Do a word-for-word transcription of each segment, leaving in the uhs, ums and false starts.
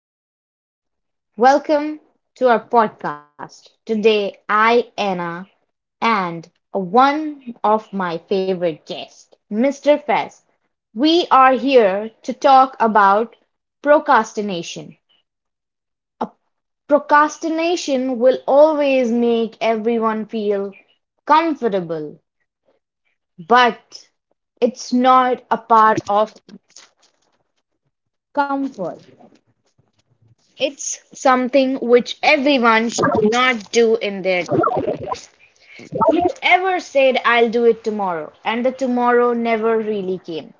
everyone. Welcome to our podcast. Today I Anna and one of my favorite guests, Mister Fez. We are here to talk about procrastination. A procrastination will always make everyone feel comfortable, but it's not a part of comfort. It's something which everyone should not do in their life. You ever said, I'll do it tomorrow, and the tomorrow never really came.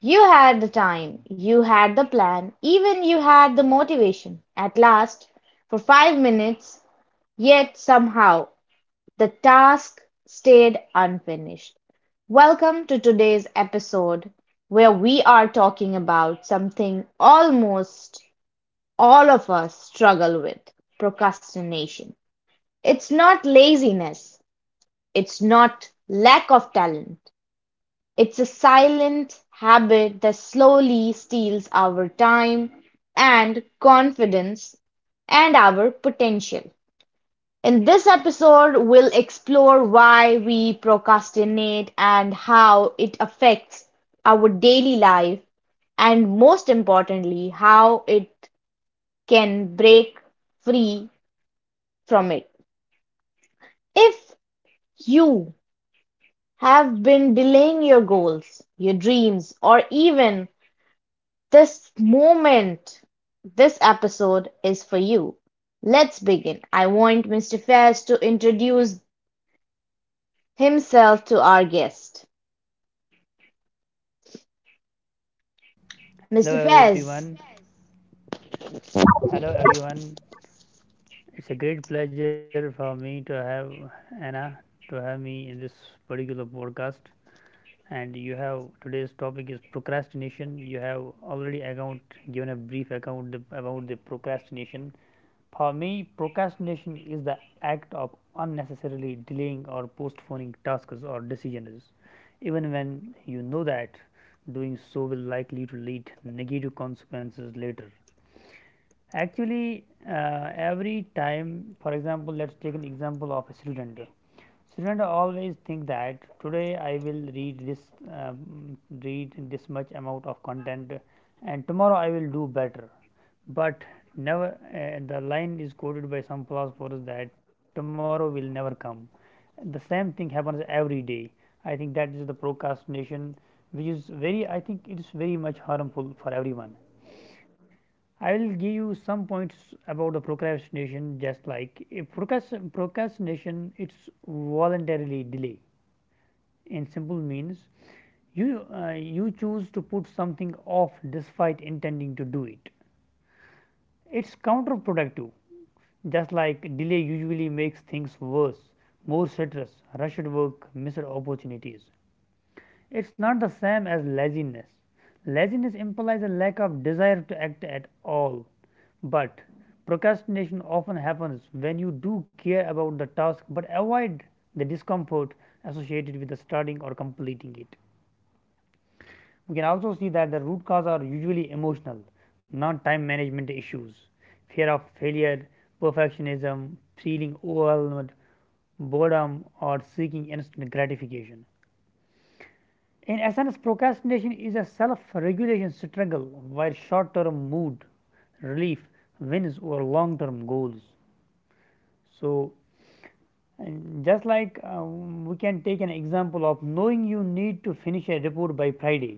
You had the time, you had the plan, even you had the motivation. At last, for five minutes, yet somehow the task stayed unfinished. Welcome to today's episode where we are talking about something almost all of us struggle with procrastination. It's not laziness, It's not lack of talent. It's a silent habit that slowly steals our time and confidence and our potential. In this episode, we'll explore why we procrastinate and how it affects our daily life, and most importantly, how it can break free from it. If you have been delaying your goals, your dreams, or even this moment, this episode is for you. Let's begin. I want Mister Faiz to introduce himself to our guest. Mister Hello Faiz, everyone. Hello everyone. It's a great pleasure for me to have Anna to have me in this particular podcast. And you have today's topic is procrastination. You have already account given a brief account the, about the procrastination. For me, procrastination is the act of unnecessarily delaying or postponing tasks or decisions, even when you know that doing so will likely to lead negative consequences later. Actually, uh, every time, for example, let's take an example of a student. Student always think that today I will read this, um, read this much amount of content, and tomorrow I will do better. But never, uh, the line is quoted by some philosophers that tomorrow will never come. The same thing happens every day. I think that is the procrastination, which is very, I think it is very much harmful for everyone. I will give you some points about the procrastination. Just like if procrastination, it's voluntarily delay. In simple means, you uh, you choose to put something off despite intending to do it. It's counterproductive. Just like delay usually makes things worse, more stress, rushed work, missed opportunities. It's not the same as laziness. Laziness implies a lack of desire to act at all. But procrastination often happens when you do care about the task but avoid the discomfort associated with the starting or completing it. We can also see that the root causes are usually emotional, not time management issues. Fear of failure, perfectionism, feeling overwhelmed, boredom, or seeking instant gratification. In essence, procrastination is a self regulation struggle where short term mood relief wins over long term goals. So, and just like uh, we can take an example of knowing you need to finish a report by Friday,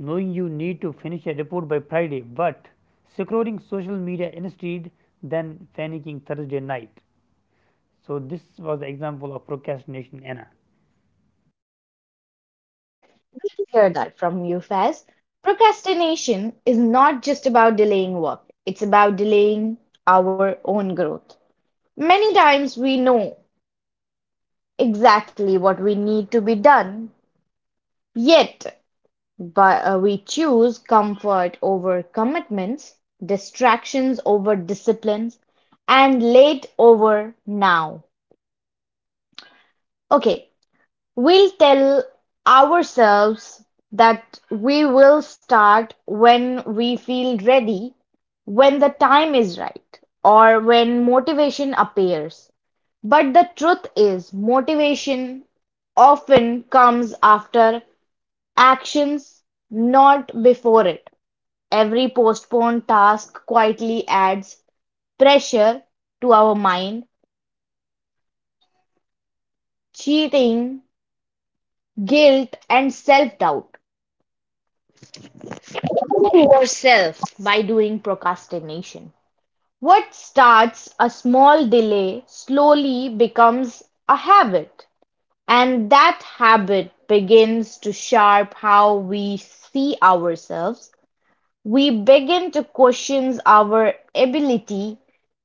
knowing you need to finish a report by Friday, but scrolling social media instead than panicking Thursday night. So, this was the example of procrastination, Anna. good to hear that from you, Faiz. Procrastination is not just about delaying work, it's about delaying our own growth. Many times we know exactly what we need to be done, yet But uh, we choose comfort over commitments, distractions over disciplines, and late over now. Okay, we'll tell ourselves that we will start when we feel ready, when the time is right, or when motivation appears. But the truth is, motivation often comes after actions, not before it. Every postponed task quietly adds pressure to our mind, cheating, guilt, and self doubt by doing procrastination. What starts a small delay slowly becomes a habit, and that habit begins to shape how we see ourselves. We begin to question our ability,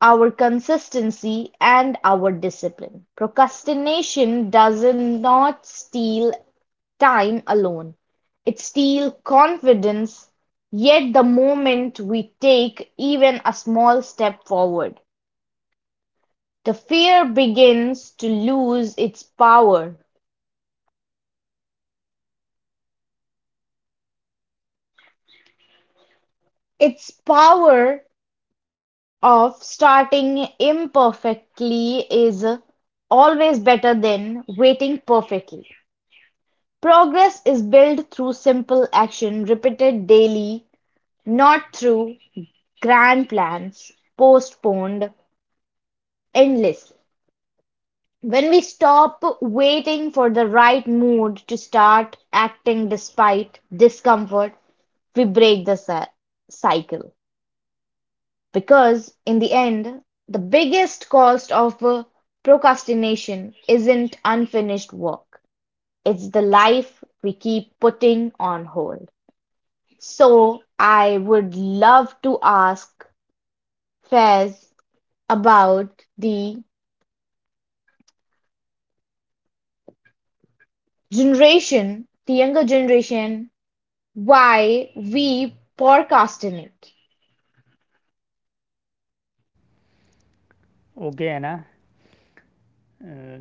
our consistency, and our discipline. Procrastination does not steal time alone, it steals confidence. Yet, the moment we take even a small step forward, the fear begins to lose its power. Its power of starting imperfectly is always better than waiting perfectly. Progress is built through simple action repeated daily, not through grand plans postponed endlessly. When we stop waiting for the right mood to start acting despite discomfort, we break the cycle. Because, in the end, the biggest cost of uh, procrastination isn't unfinished work, it's the life we keep putting on hold. So, I would love to ask Fez about the generation, the younger generation, why we procrastinate. Okay, Anna, uh,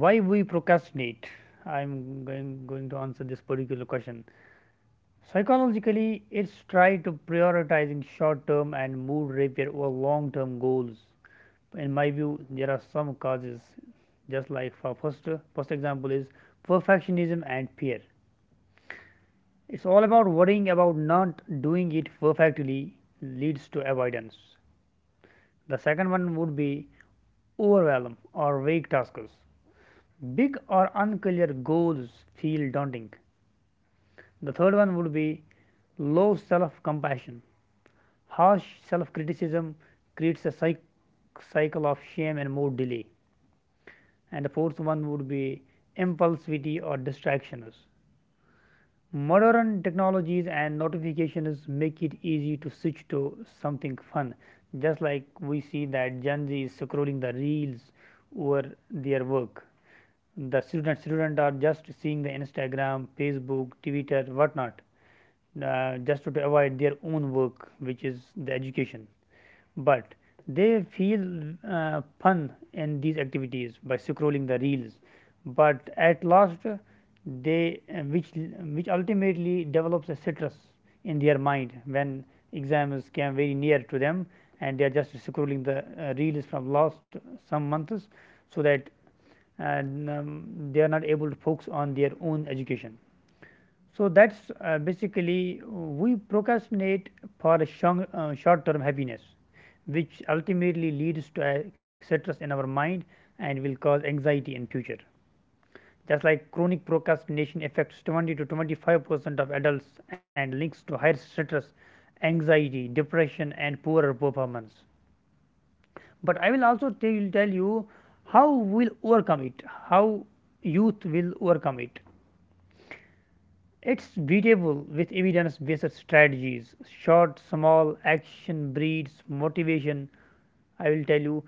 why we procrastinate. I am going going to answer this particular question. Psychologically, it's try to prioritizing short term and mood repair over long term goals. In my view, there are some causes. Just like for first, uh, first example is perfectionism and fear. It's all about worrying about not doing it perfectly leads to avoidance. The second one would be overwhelm or vague tasks. Big or unclear goals feel daunting. The third one would be low self compassion. Harsh self criticism creates a psych- cycle of shame and mood delay. And the fourth one would be impulsivity or distractions. Modern technologies and notifications make it easy to switch to something fun. Just like we see that Gen Z is scrolling the reels over their work. The student student are just seeing the Instagram, Facebook, Twitter, whatnot, uh, just to avoid their own work, which is the education, but they feel uh, fun in these activities by scrolling the reels, but at last, uh, they uh, which which ultimately develops a citrus in their mind when exams came very near to them, and they are just scrolling the uh, reels from last some months, so that, and um, they are not able to focus on their own education. So that's, uh, basically we procrastinate for a shong, uh, short-term happiness, which ultimately leads to a stress in our mind and will cause anxiety in future. Just like chronic procrastination affects twenty to twenty-five percent of adults and links to higher stress, anxiety, depression, and poorer performance. But I will also tell, tell you how we'll overcome it, how youth will overcome it. It's beatable with evidence based strategies. Short, small, action breeds motivation. I will tell you.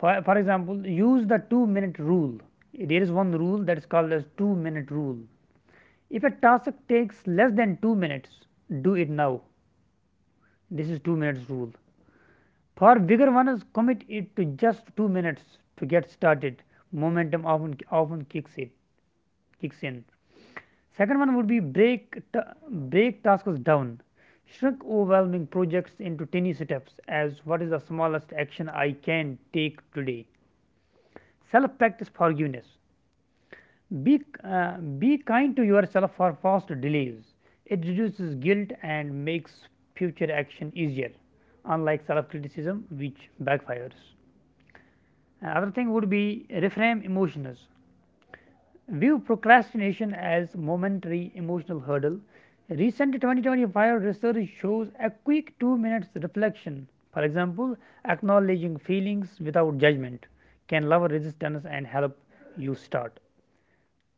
For, for example, use the two minute rule. There is one rule that is called as two minute rule. If a task takes less than two minutes, do it now. This is two minutes rule. For bigger ones, commit it to just two minutes to get started. Momentum often often kicks it kicks in. Second one would be break break tasks down. Shrink overwhelming projects into tiny steps as what is the smallest action I can take today. Self practice forgiveness. Be, uh, be kind to yourself for past delays. It reduces guilt and makes future action easier, unlike self criticism, which backfires. Another thing would be reframe emotions. View procrastination as momentary emotional hurdle. Recent twenty twenty-five research shows a quick two minutes reflection, for example, acknowledging feelings without judgment, can lower resistance and help you start.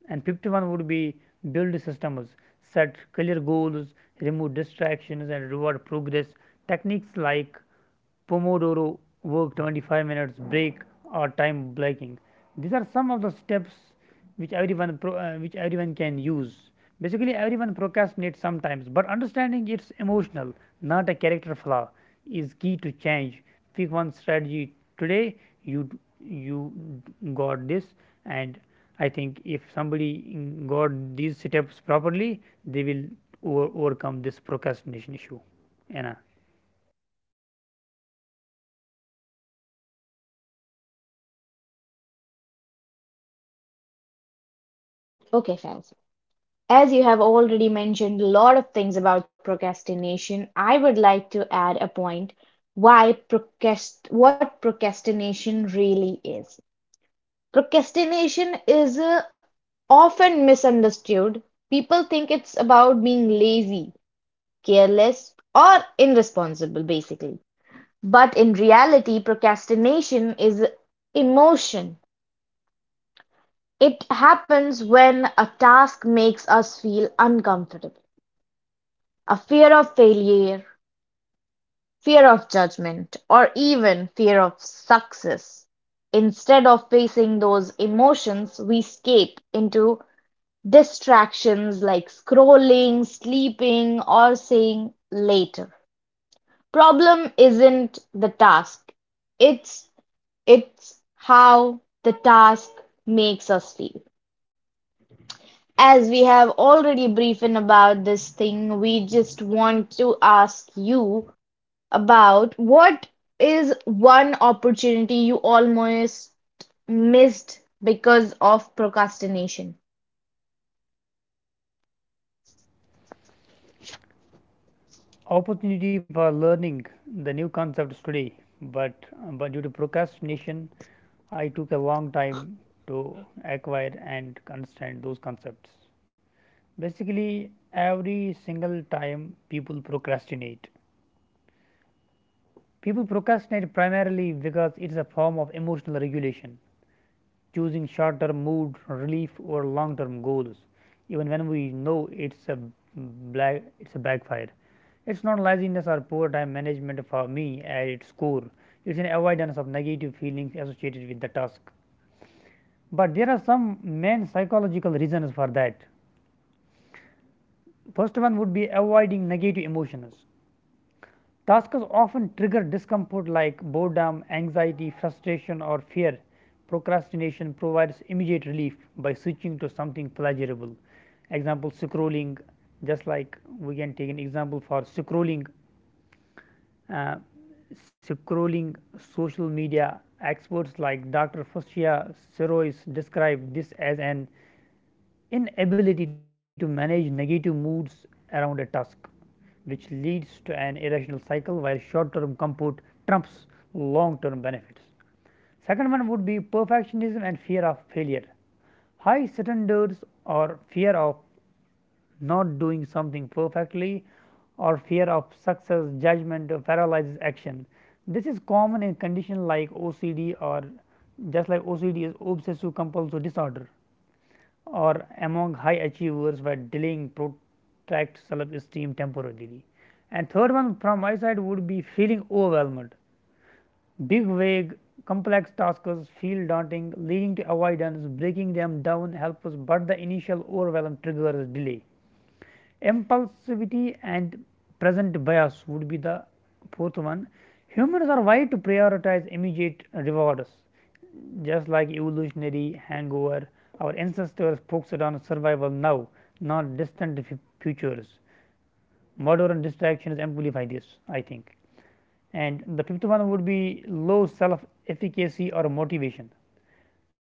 And fifty-one would be build systems, set clear goals, remove distractions, and reward progress. Techniques like Pomodoro work twenty-five minutes break or time blocking. These are some of the steps which everyone pro, uh, which everyone can use. Basically, everyone procrastinates sometimes, but understanding it's emotional, not a character flaw, is key to change. Pick one strategy today. You you got this. And I think if somebody mm, got these steps properly, they will over- overcome this procrastination issue, Anna. Okay, Fez. As you have already mentioned a lot of things about procrastination, I would like to add a point why procrast what procrastination really is. Procrastination is uh, often misunderstood. People think it's about being lazy, careless, or irresponsible, basically. But in reality, procrastination is emotion. It happens when a task makes us feel uncomfortable. A fear of failure, fear of judgment, or even fear of success. Instead of facing those emotions, we escape into distractions like scrolling, sleeping, or saying later. Problem isn't the task, it's it's how the task makes us feel. As we have already briefed about this thing, we just want to ask you about what is one opportunity you almost missed because of procrastination. Opportunity for learning the new concepts today, but but due to procrastination, I took a long time to acquire and understand those concepts. Basically, every single time people procrastinate. People procrastinate primarily because it is a form of emotional regulation, choosing short term mood relief or long term goals, even when we know it's a black, it's a backfire. It's not laziness or poor time management for me at its core. It's an avoidance of negative feelings associated with the task. But there are some main psychological reasons for that. First one would be avoiding negative emotions. Tasks often trigger discomfort like boredom, anxiety, frustration, or fear. Procrastination provides immediate relief by switching to something pleasurable. Example scrolling, just like we can take an example for scrolling, uh, scrolling social media. Experts like doctor Fuscia Sirois describe this as an inability to manage negative moods around a task, which leads to an irrational cycle where short term comfort trumps long term benefits. Second one would be perfectionism and fear of failure. High standards or fear of not doing something perfectly or fear of success judgment uh, paralyzes action. This is common in conditions like O C D, or just like O C D is obsessive compulsive disorder, or among high achievers by delaying protracted, self esteem temporarily. And third one from my side would be feeling overwhelmed. Big vague complex tasks feel daunting leading to avoidance breaking them down helps us, but the initial overwhelm triggers delay. Impulsivity and present bias would be the fourth one. Humans are wired to prioritize immediate rewards, just like evolutionary hangover, our ancestors focused on survival now, not distant futures. Murder and distraction is amplify this, I think. And the fifth one would be low self efficacy or motivation.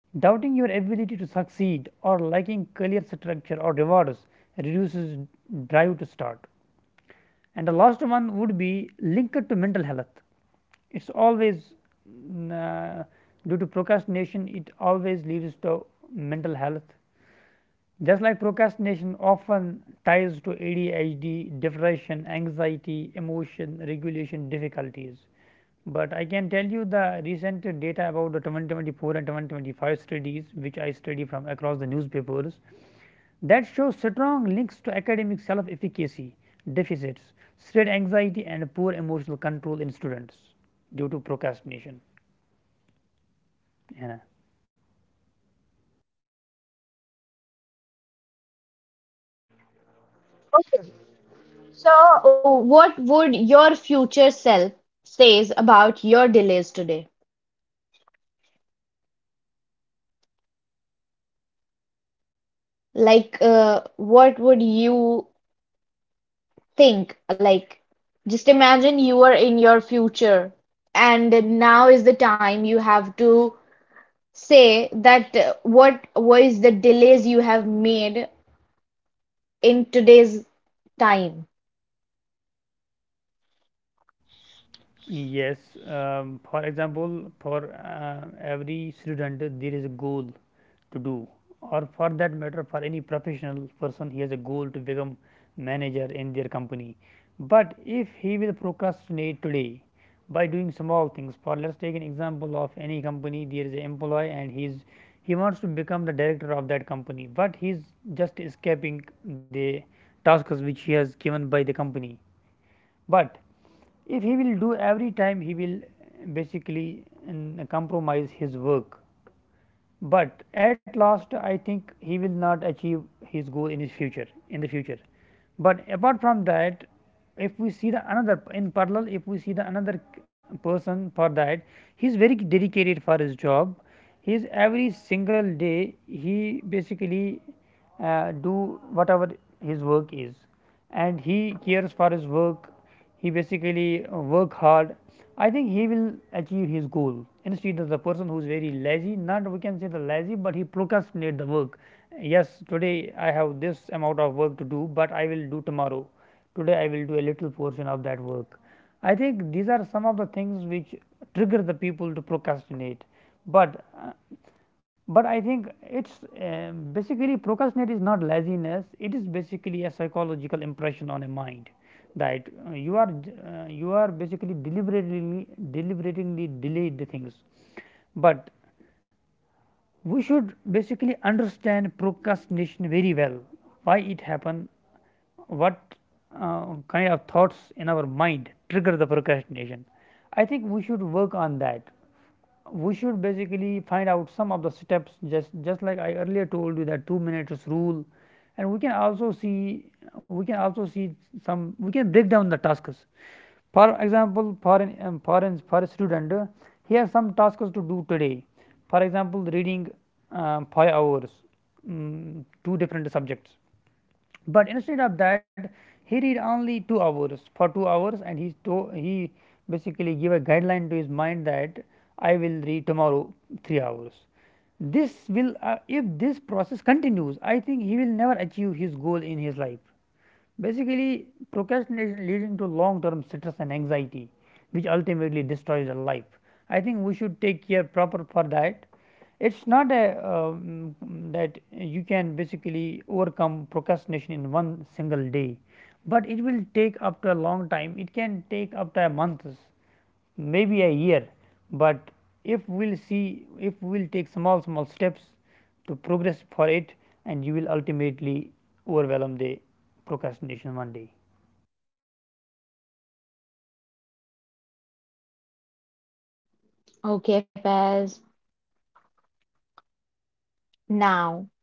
Doubting your ability to succeed or lacking clear structure or rewards reduces drive to start. And the last one would be linked to mental health. It's always mm, uh, due to procrastination, it always leads to mental health. Just like procrastination often ties to A D H D, depression, anxiety, emotion regulation difficulties. But I can tell you the recent data about the two thousand twenty-four and twenty twenty-five studies, which I study from across the newspapers, that show strong links to academic self efficacy deficits, state anxiety, and poor emotional control in students due to procrastination. Yeah. So, what would your future self says about your delays today? Like, uh, what would you think? Like, just imagine you are in your future, and now is the time you have to say that uh, what was the delays you have made in today's time. Yes, um, for example, for uh, every student, there is a goal to do, or for that matter for any professional person, he has a goal to become manager in their company. But if he will procrastinate today by doing small things, for let us take an example of any company, there is an employee and he is he wants to become the director of that company, but he is just escaping the tasks which he has given by the company. But if he will do every time, he will basically, mm, compromise his work, but at last I think he will not achieve his goal in his future in the future. But apart from that, if we see the another, in parallel if we see the another person, for that, he is very dedicated for his job. His every single day he basically uh, do whatever his work is, and he cares for his work. He basically, uh, work hard. I think he will achieve his goal, instead of the person who is very lazy, not we can say the lazy, but he procrastinate the work. Yes, today I have this amount of work to do, but I will do tomorrow. Today I will do a little portion of that work. I think these are some of the things which trigger the people to procrastinate. But, uh, but I think it's, um, basically procrastinate is not laziness. It is basically a psychological impression on a mind that, uh, you are uh, you are basically deliberately deliberately delay the things. But we should basically understand procrastination very well, why it happen, what uh, kind of thoughts in our mind trigger the procrastination. I think we should work on that. We should basically find out some of the steps, just just like I earlier told you, that two minutes rule, and we can also see we can also see some we can break down the tasks. For example, for an um, for an for a student, uh, he has some tasks to do today. For example, reading uh, five hours, mm, two different subjects, but instead of that, he read only two hours for two hours, and he to, he basically give a guideline to his mind that I will read tomorrow three hours. This will uh, If this process continues, I think he will never achieve his goal in his life. Basically, procrastination leading to long-term stress and anxiety, which ultimately destroys the life. I think we should take care proper for that. It's not a um, that you can basically overcome procrastination in one single day, but it will take up to a long time. It can take up to a month, maybe a year. But if we'll see, if we'll take small small steps to progress for it, and you will ultimately overwhelm the procrastination one day. Okay, Faz. Now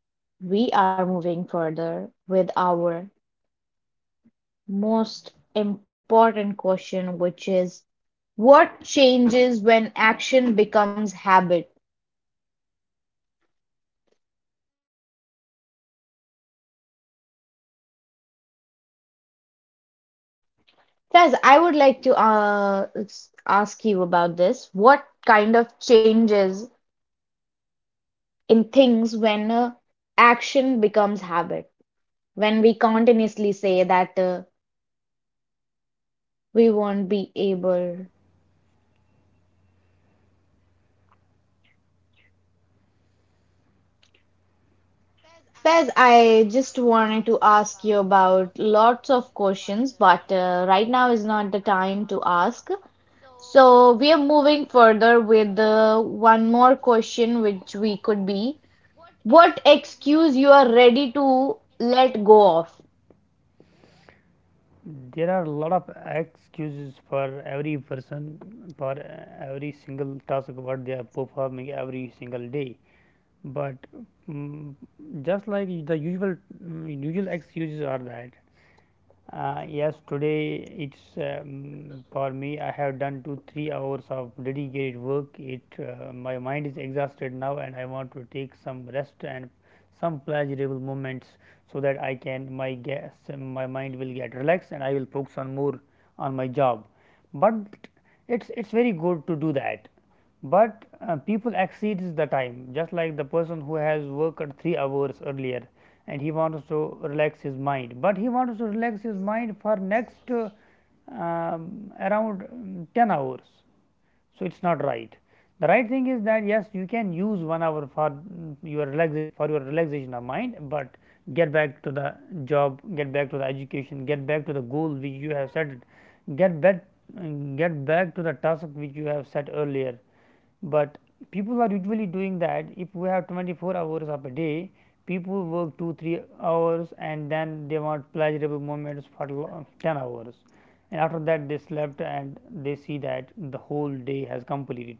we are moving further with our most important question, which is what changes when action becomes habit? Faz, I would like to uh, s- ask you about this. What kind of changes in things when uh, action becomes habit? When we continuously say that uh, we won't be able, Fez, I just wanted to ask you about lots of questions, but uh, right now is not the time to ask. So we are moving further with uh, one more question, which we could be, what excuse you are ready to let go of? There are a lot of excuses for every person for uh, every single task what they are performing every single day. But um, just like the usual um, usual excuses are that uh, yes, today it's um, for me, I have done two three hours of dedicated work. It uh, My mind is exhausted now, and I want to take some rest and some pleasurable moments so that I can my guess my mind will get relaxed and I will focus on more on my job. But it's it's very good to do that, but uh, people exceeds the time. Just like the person who has worked three hours earlier and he wants to relax his mind, but he wants to relax his mind for next uh, um, around um, ten hours. So it's not right. The right thing is that yes, you can use one hour for mm, your relaxation for your relaxation of mind, but get back to the job, get back to the education, get back to the goal which you have set. Get back, mm, get back to the task which you have set earlier. But people are usually doing that, if we have twenty four hours of a day, people work two three hours and then they want pleasurable moments for ten hours, and after that they slept and they see that the whole day has completed.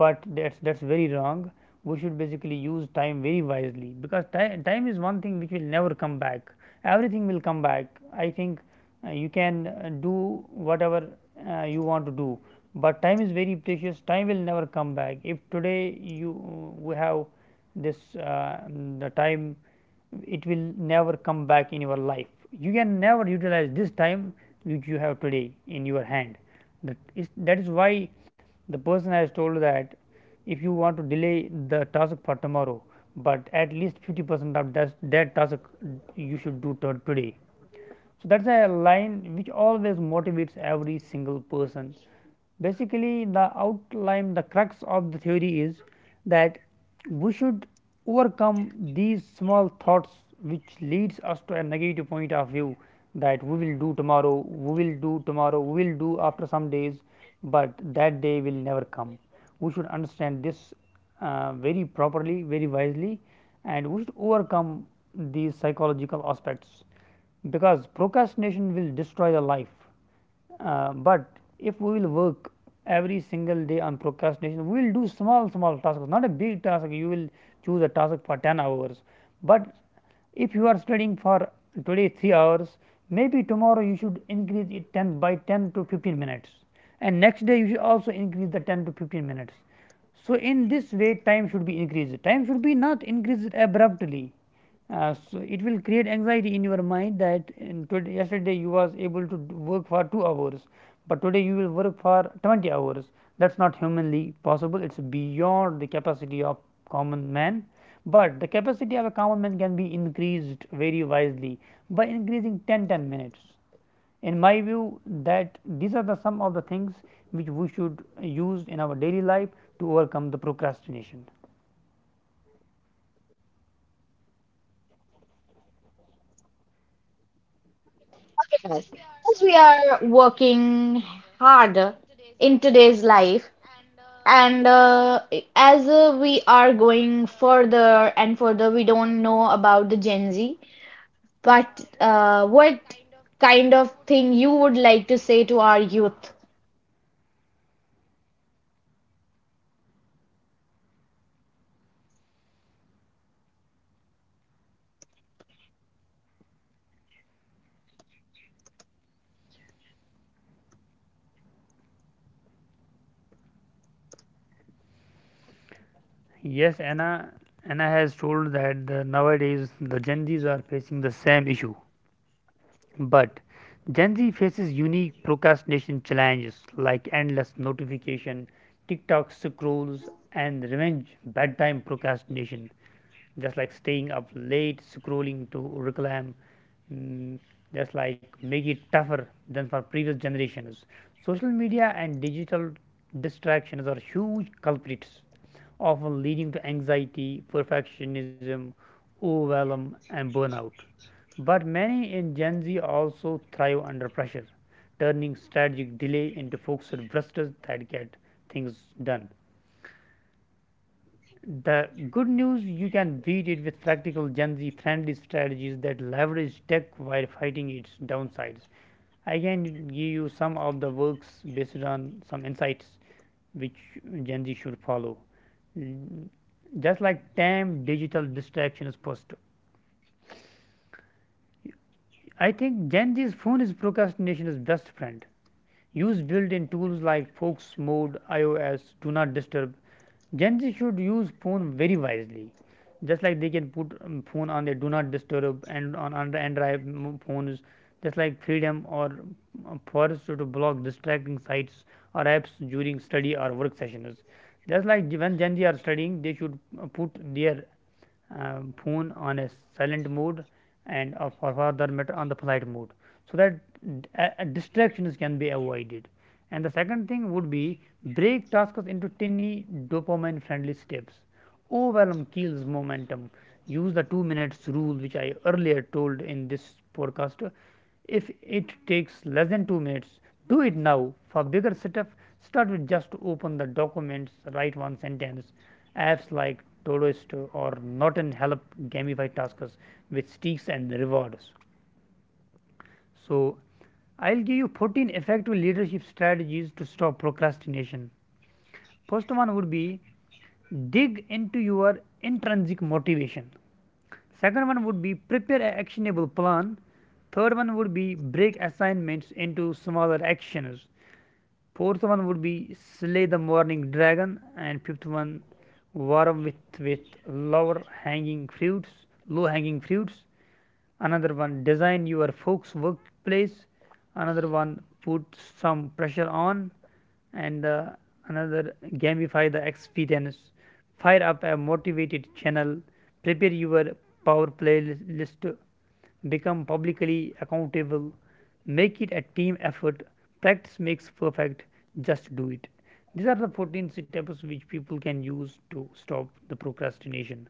But that's that's very wrong. We should basically use time very wisely, because time time is one thing which will never come back. Everything will come back, I think. Uh, you can uh, do whatever uh, you want to do, but time is very precious. Time will never come back. If today you, we have this uh, the time, it will never come back in your life. You can never utilize this time which you have today in your hand. That is that is why the person has told that if you want to delay the task for tomorrow, but at least fifty percent of that, that task you should do today. So that's a line which always motivates every single person. Basically, the outline, the crux of the theory is that we should overcome these small thoughts which leads us to a negative point of view, that we will do tomorrow, we will do tomorrow, we will do after some days, but that day will never come. We should understand this uh, very properly, very wisely, and we should overcome these psychological aspects, because procrastination will destroy the life. Uh, but if we will work every single day on procrastination, we will do small, small tasks, not a big task. You will choose a task for ten hours, but if you are studying for today three hours, maybe tomorrow you should increase it ten by ten to fifteen minutes, and next day you should also increase the ten to fifteen minutes. So, in this way, time should be increased. Time should be not increased abruptly. Uh, so it will create anxiety in your mind that in today, yesterday you was able to work for two hours, but today you will work for twenty hours. That's not humanly possible. It's beyond the capacity of common man. But the capacity of a compartment can be increased very wisely by increasing ten ten minutes. In my view, that these are the some of the things which we should use in our daily life to overcome the procrastination. Okay, Fez, as we are working hard in today's life, and uh, as uh, we are going further and further, we don't know about the Gen Z. But uh, what kind of thing you would like to say to our youth? Yes, Anna, Anna has told that the nowadays the Gen Zs are facing the same issue. But Gen Z faces unique procrastination challenges, like endless notification, TikTok scrolls, and revenge bedtime procrastination, just like staying up late scrolling to reclaim, mm, just like make it tougher than for previous generations. Social media and digital distractions are huge culprits, often leading to anxiety, perfectionism, overwhelm, and burnout. But many in Gen Z also thrive under pressure, turning strategic delay into focused blusters that get things done. The good news, you can beat it with practical Gen Z friendly strategies that leverage tech while fighting its downsides. I can give you some of the works based on some insights which Gen Z should follow. Just like time, digital distraction is positive. I think Gen Z's phone is procrastination's best friend. Use built-in tools like Focus Mode, iOS, Do Not Disturb. Gen Z should use phone very wisely. Just like they can put um, phone on their do not disturb, and on under Android phones, just like Freedom or um, Forest to block distracting sites or apps during study or work sessions. Just like when Gen Z are studying, they should uh, put their uh, phone on a silent mode, and uh, for further matter on the flight mode, so that uh, uh, distractions can be avoided. And the second thing would be, break tasks into tiny dopamine friendly steps. Overwhelm kills momentum. Use the two minutes rule, which I earlier told in this podcast. If it takes less than two minutes, do it now. For bigger setup, start with just open the documents, write one sentence. Apps like Todoist or Norton help gamify tasks with sticks and rewards. So, I'll give you fourteen effective leadership strategies to stop procrastination. First one would be, dig into your intrinsic motivation. Second one would be, prepare an actionable plan. Third one would be, break assignments into smaller actions. Fourth one would be, Slay the Morning Dragon, and fifth one, warm with with lower hanging fruits, low hanging fruits. Another one, design your folks workplace. Another one, put some pressure on, and uh, another, gamify the experience. Fire up a motivated channel. Prepare your power playlist. Become publicly accountable. Make it a team effort. Practice makes perfect. Just do it. These are the fourteen steps which people can use to stop the procrastination.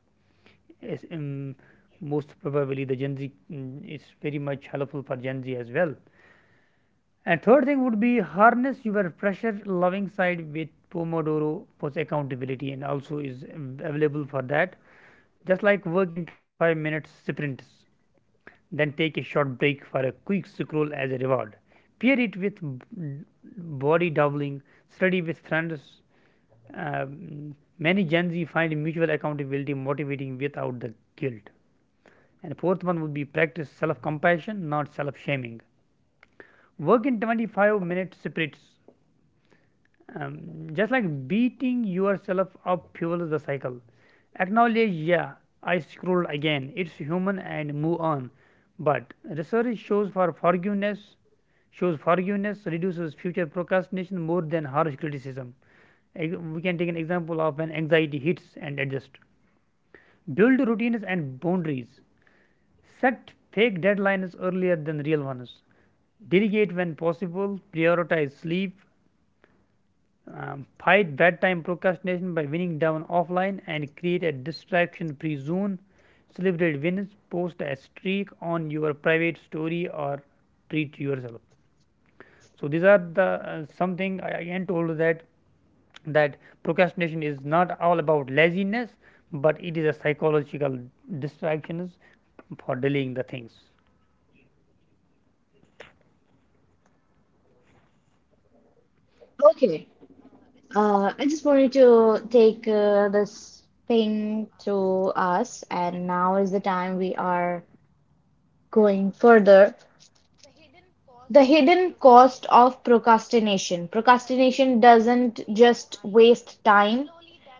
As, um, most probably, the Gen Z, mm, is very much helpful for Gen Z as well. And third thing would be, harness your pressure loving side with Pomodoro for accountability, and also is um, available for that. Just like work in twenty-five minutes sprints, then take a short break for a quick scroll as a reward. Pair it with body doubling, study with friends. Um, Many Gen Z find mutual accountability motivating without the guilt. And fourth one would be, practice self compassion, not self shaming. Work in twenty-five minute sprints. Um, just like beating yourself up fuels the cycle. Acknowledge, yeah, I scrolled again. It's human, and move on. But research shows for forgiveness shows forgiveness reduces future procrastination more than harsh criticism. Ex- We can take an example of when anxiety hits and adjust. Build routines and boundaries. Set fake deadlines earlier than real ones. Delegate when possible. Prioritize sleep. Um, fight bedtime procrastination by winning down offline, and create a distraction free zone. Celebrate wins, post a streak on your private story, or treat yourself. So, these are the uh, something I again told that, that procrastination is not all about laziness, but it is a psychological distractions for delaying the things. Okay. Uh, I just wanted to take uh, this thing to us, and now is the time we are going further. The hidden cost of procrastination: Procrastination doesn't just waste time,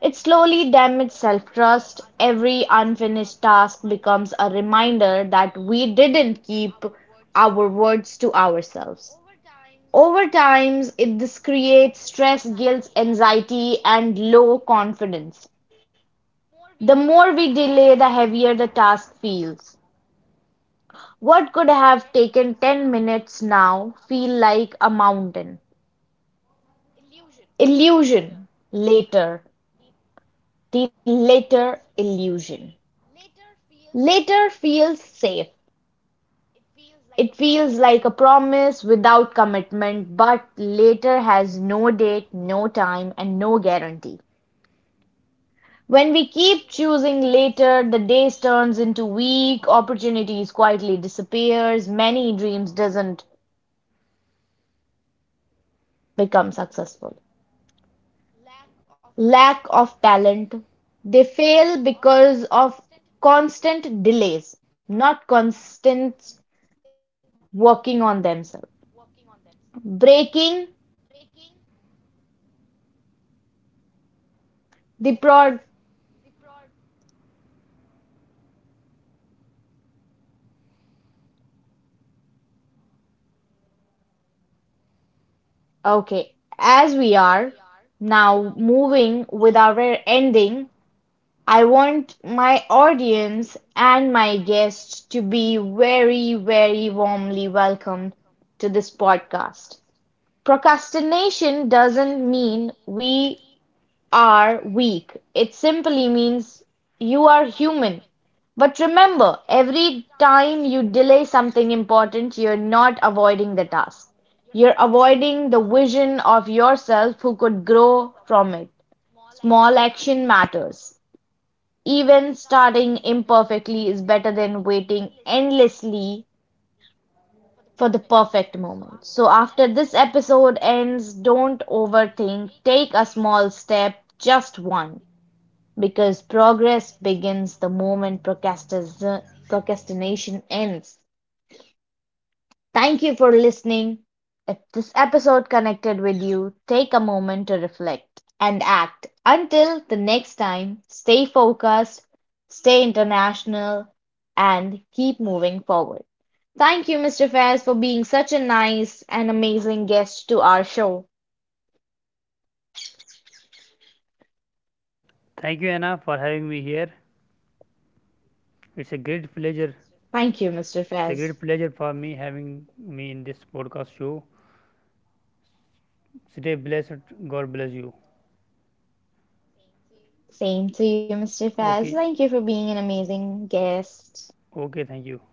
it slowly damages self-trust. Every unfinished task becomes a reminder that we didn't keep our words to ourselves. Over time, it, this creates stress, guilt, anxiety, and low confidence. The more we delay, the heavier the task feels. What could have taken ten minutes now feel like a mountain. Illusion, later, the later illusion. Later feels safe. It feels like a promise without commitment, but later has no date, no time, and no guarantee. When we keep choosing later, the days turns into week, opportunities quietly disappears, many dreams doesn't become successful. Lack of talent. They fail because of constant delays, not constant working on themselves, breaking the prod. Okay, as we are now moving with our ending, I want my audience and my guests to be very, very warmly welcomed to this podcast. Procrastination doesn't mean we are weak, it simply means you are human. But remember, every time you delay something important, you're not avoiding the task. You're avoiding the vision of yourself who could grow from it. Small action matters. Even starting imperfectly is better than waiting endlessly for the perfect moment. So, after this episode ends, don't overthink. Take a small step, just one. Because progress begins the moment procrastis- procrastination ends. Thank you for listening. If this episode connected with you, take a moment to reflect and act. Until the next time, stay focused, stay international, and keep moving forward. Thank you, Mister Faz, for being such a nice and amazing guest to our show. Thank you, Anna, for having me here. It's a great pleasure. Thank you, Mister It's a Faz. great pleasure for me having me in this podcast show. Stay blessed. God bless you. Same to you, Mister Faz. Okay. Thank you for being an amazing guest. Okay. Thank you.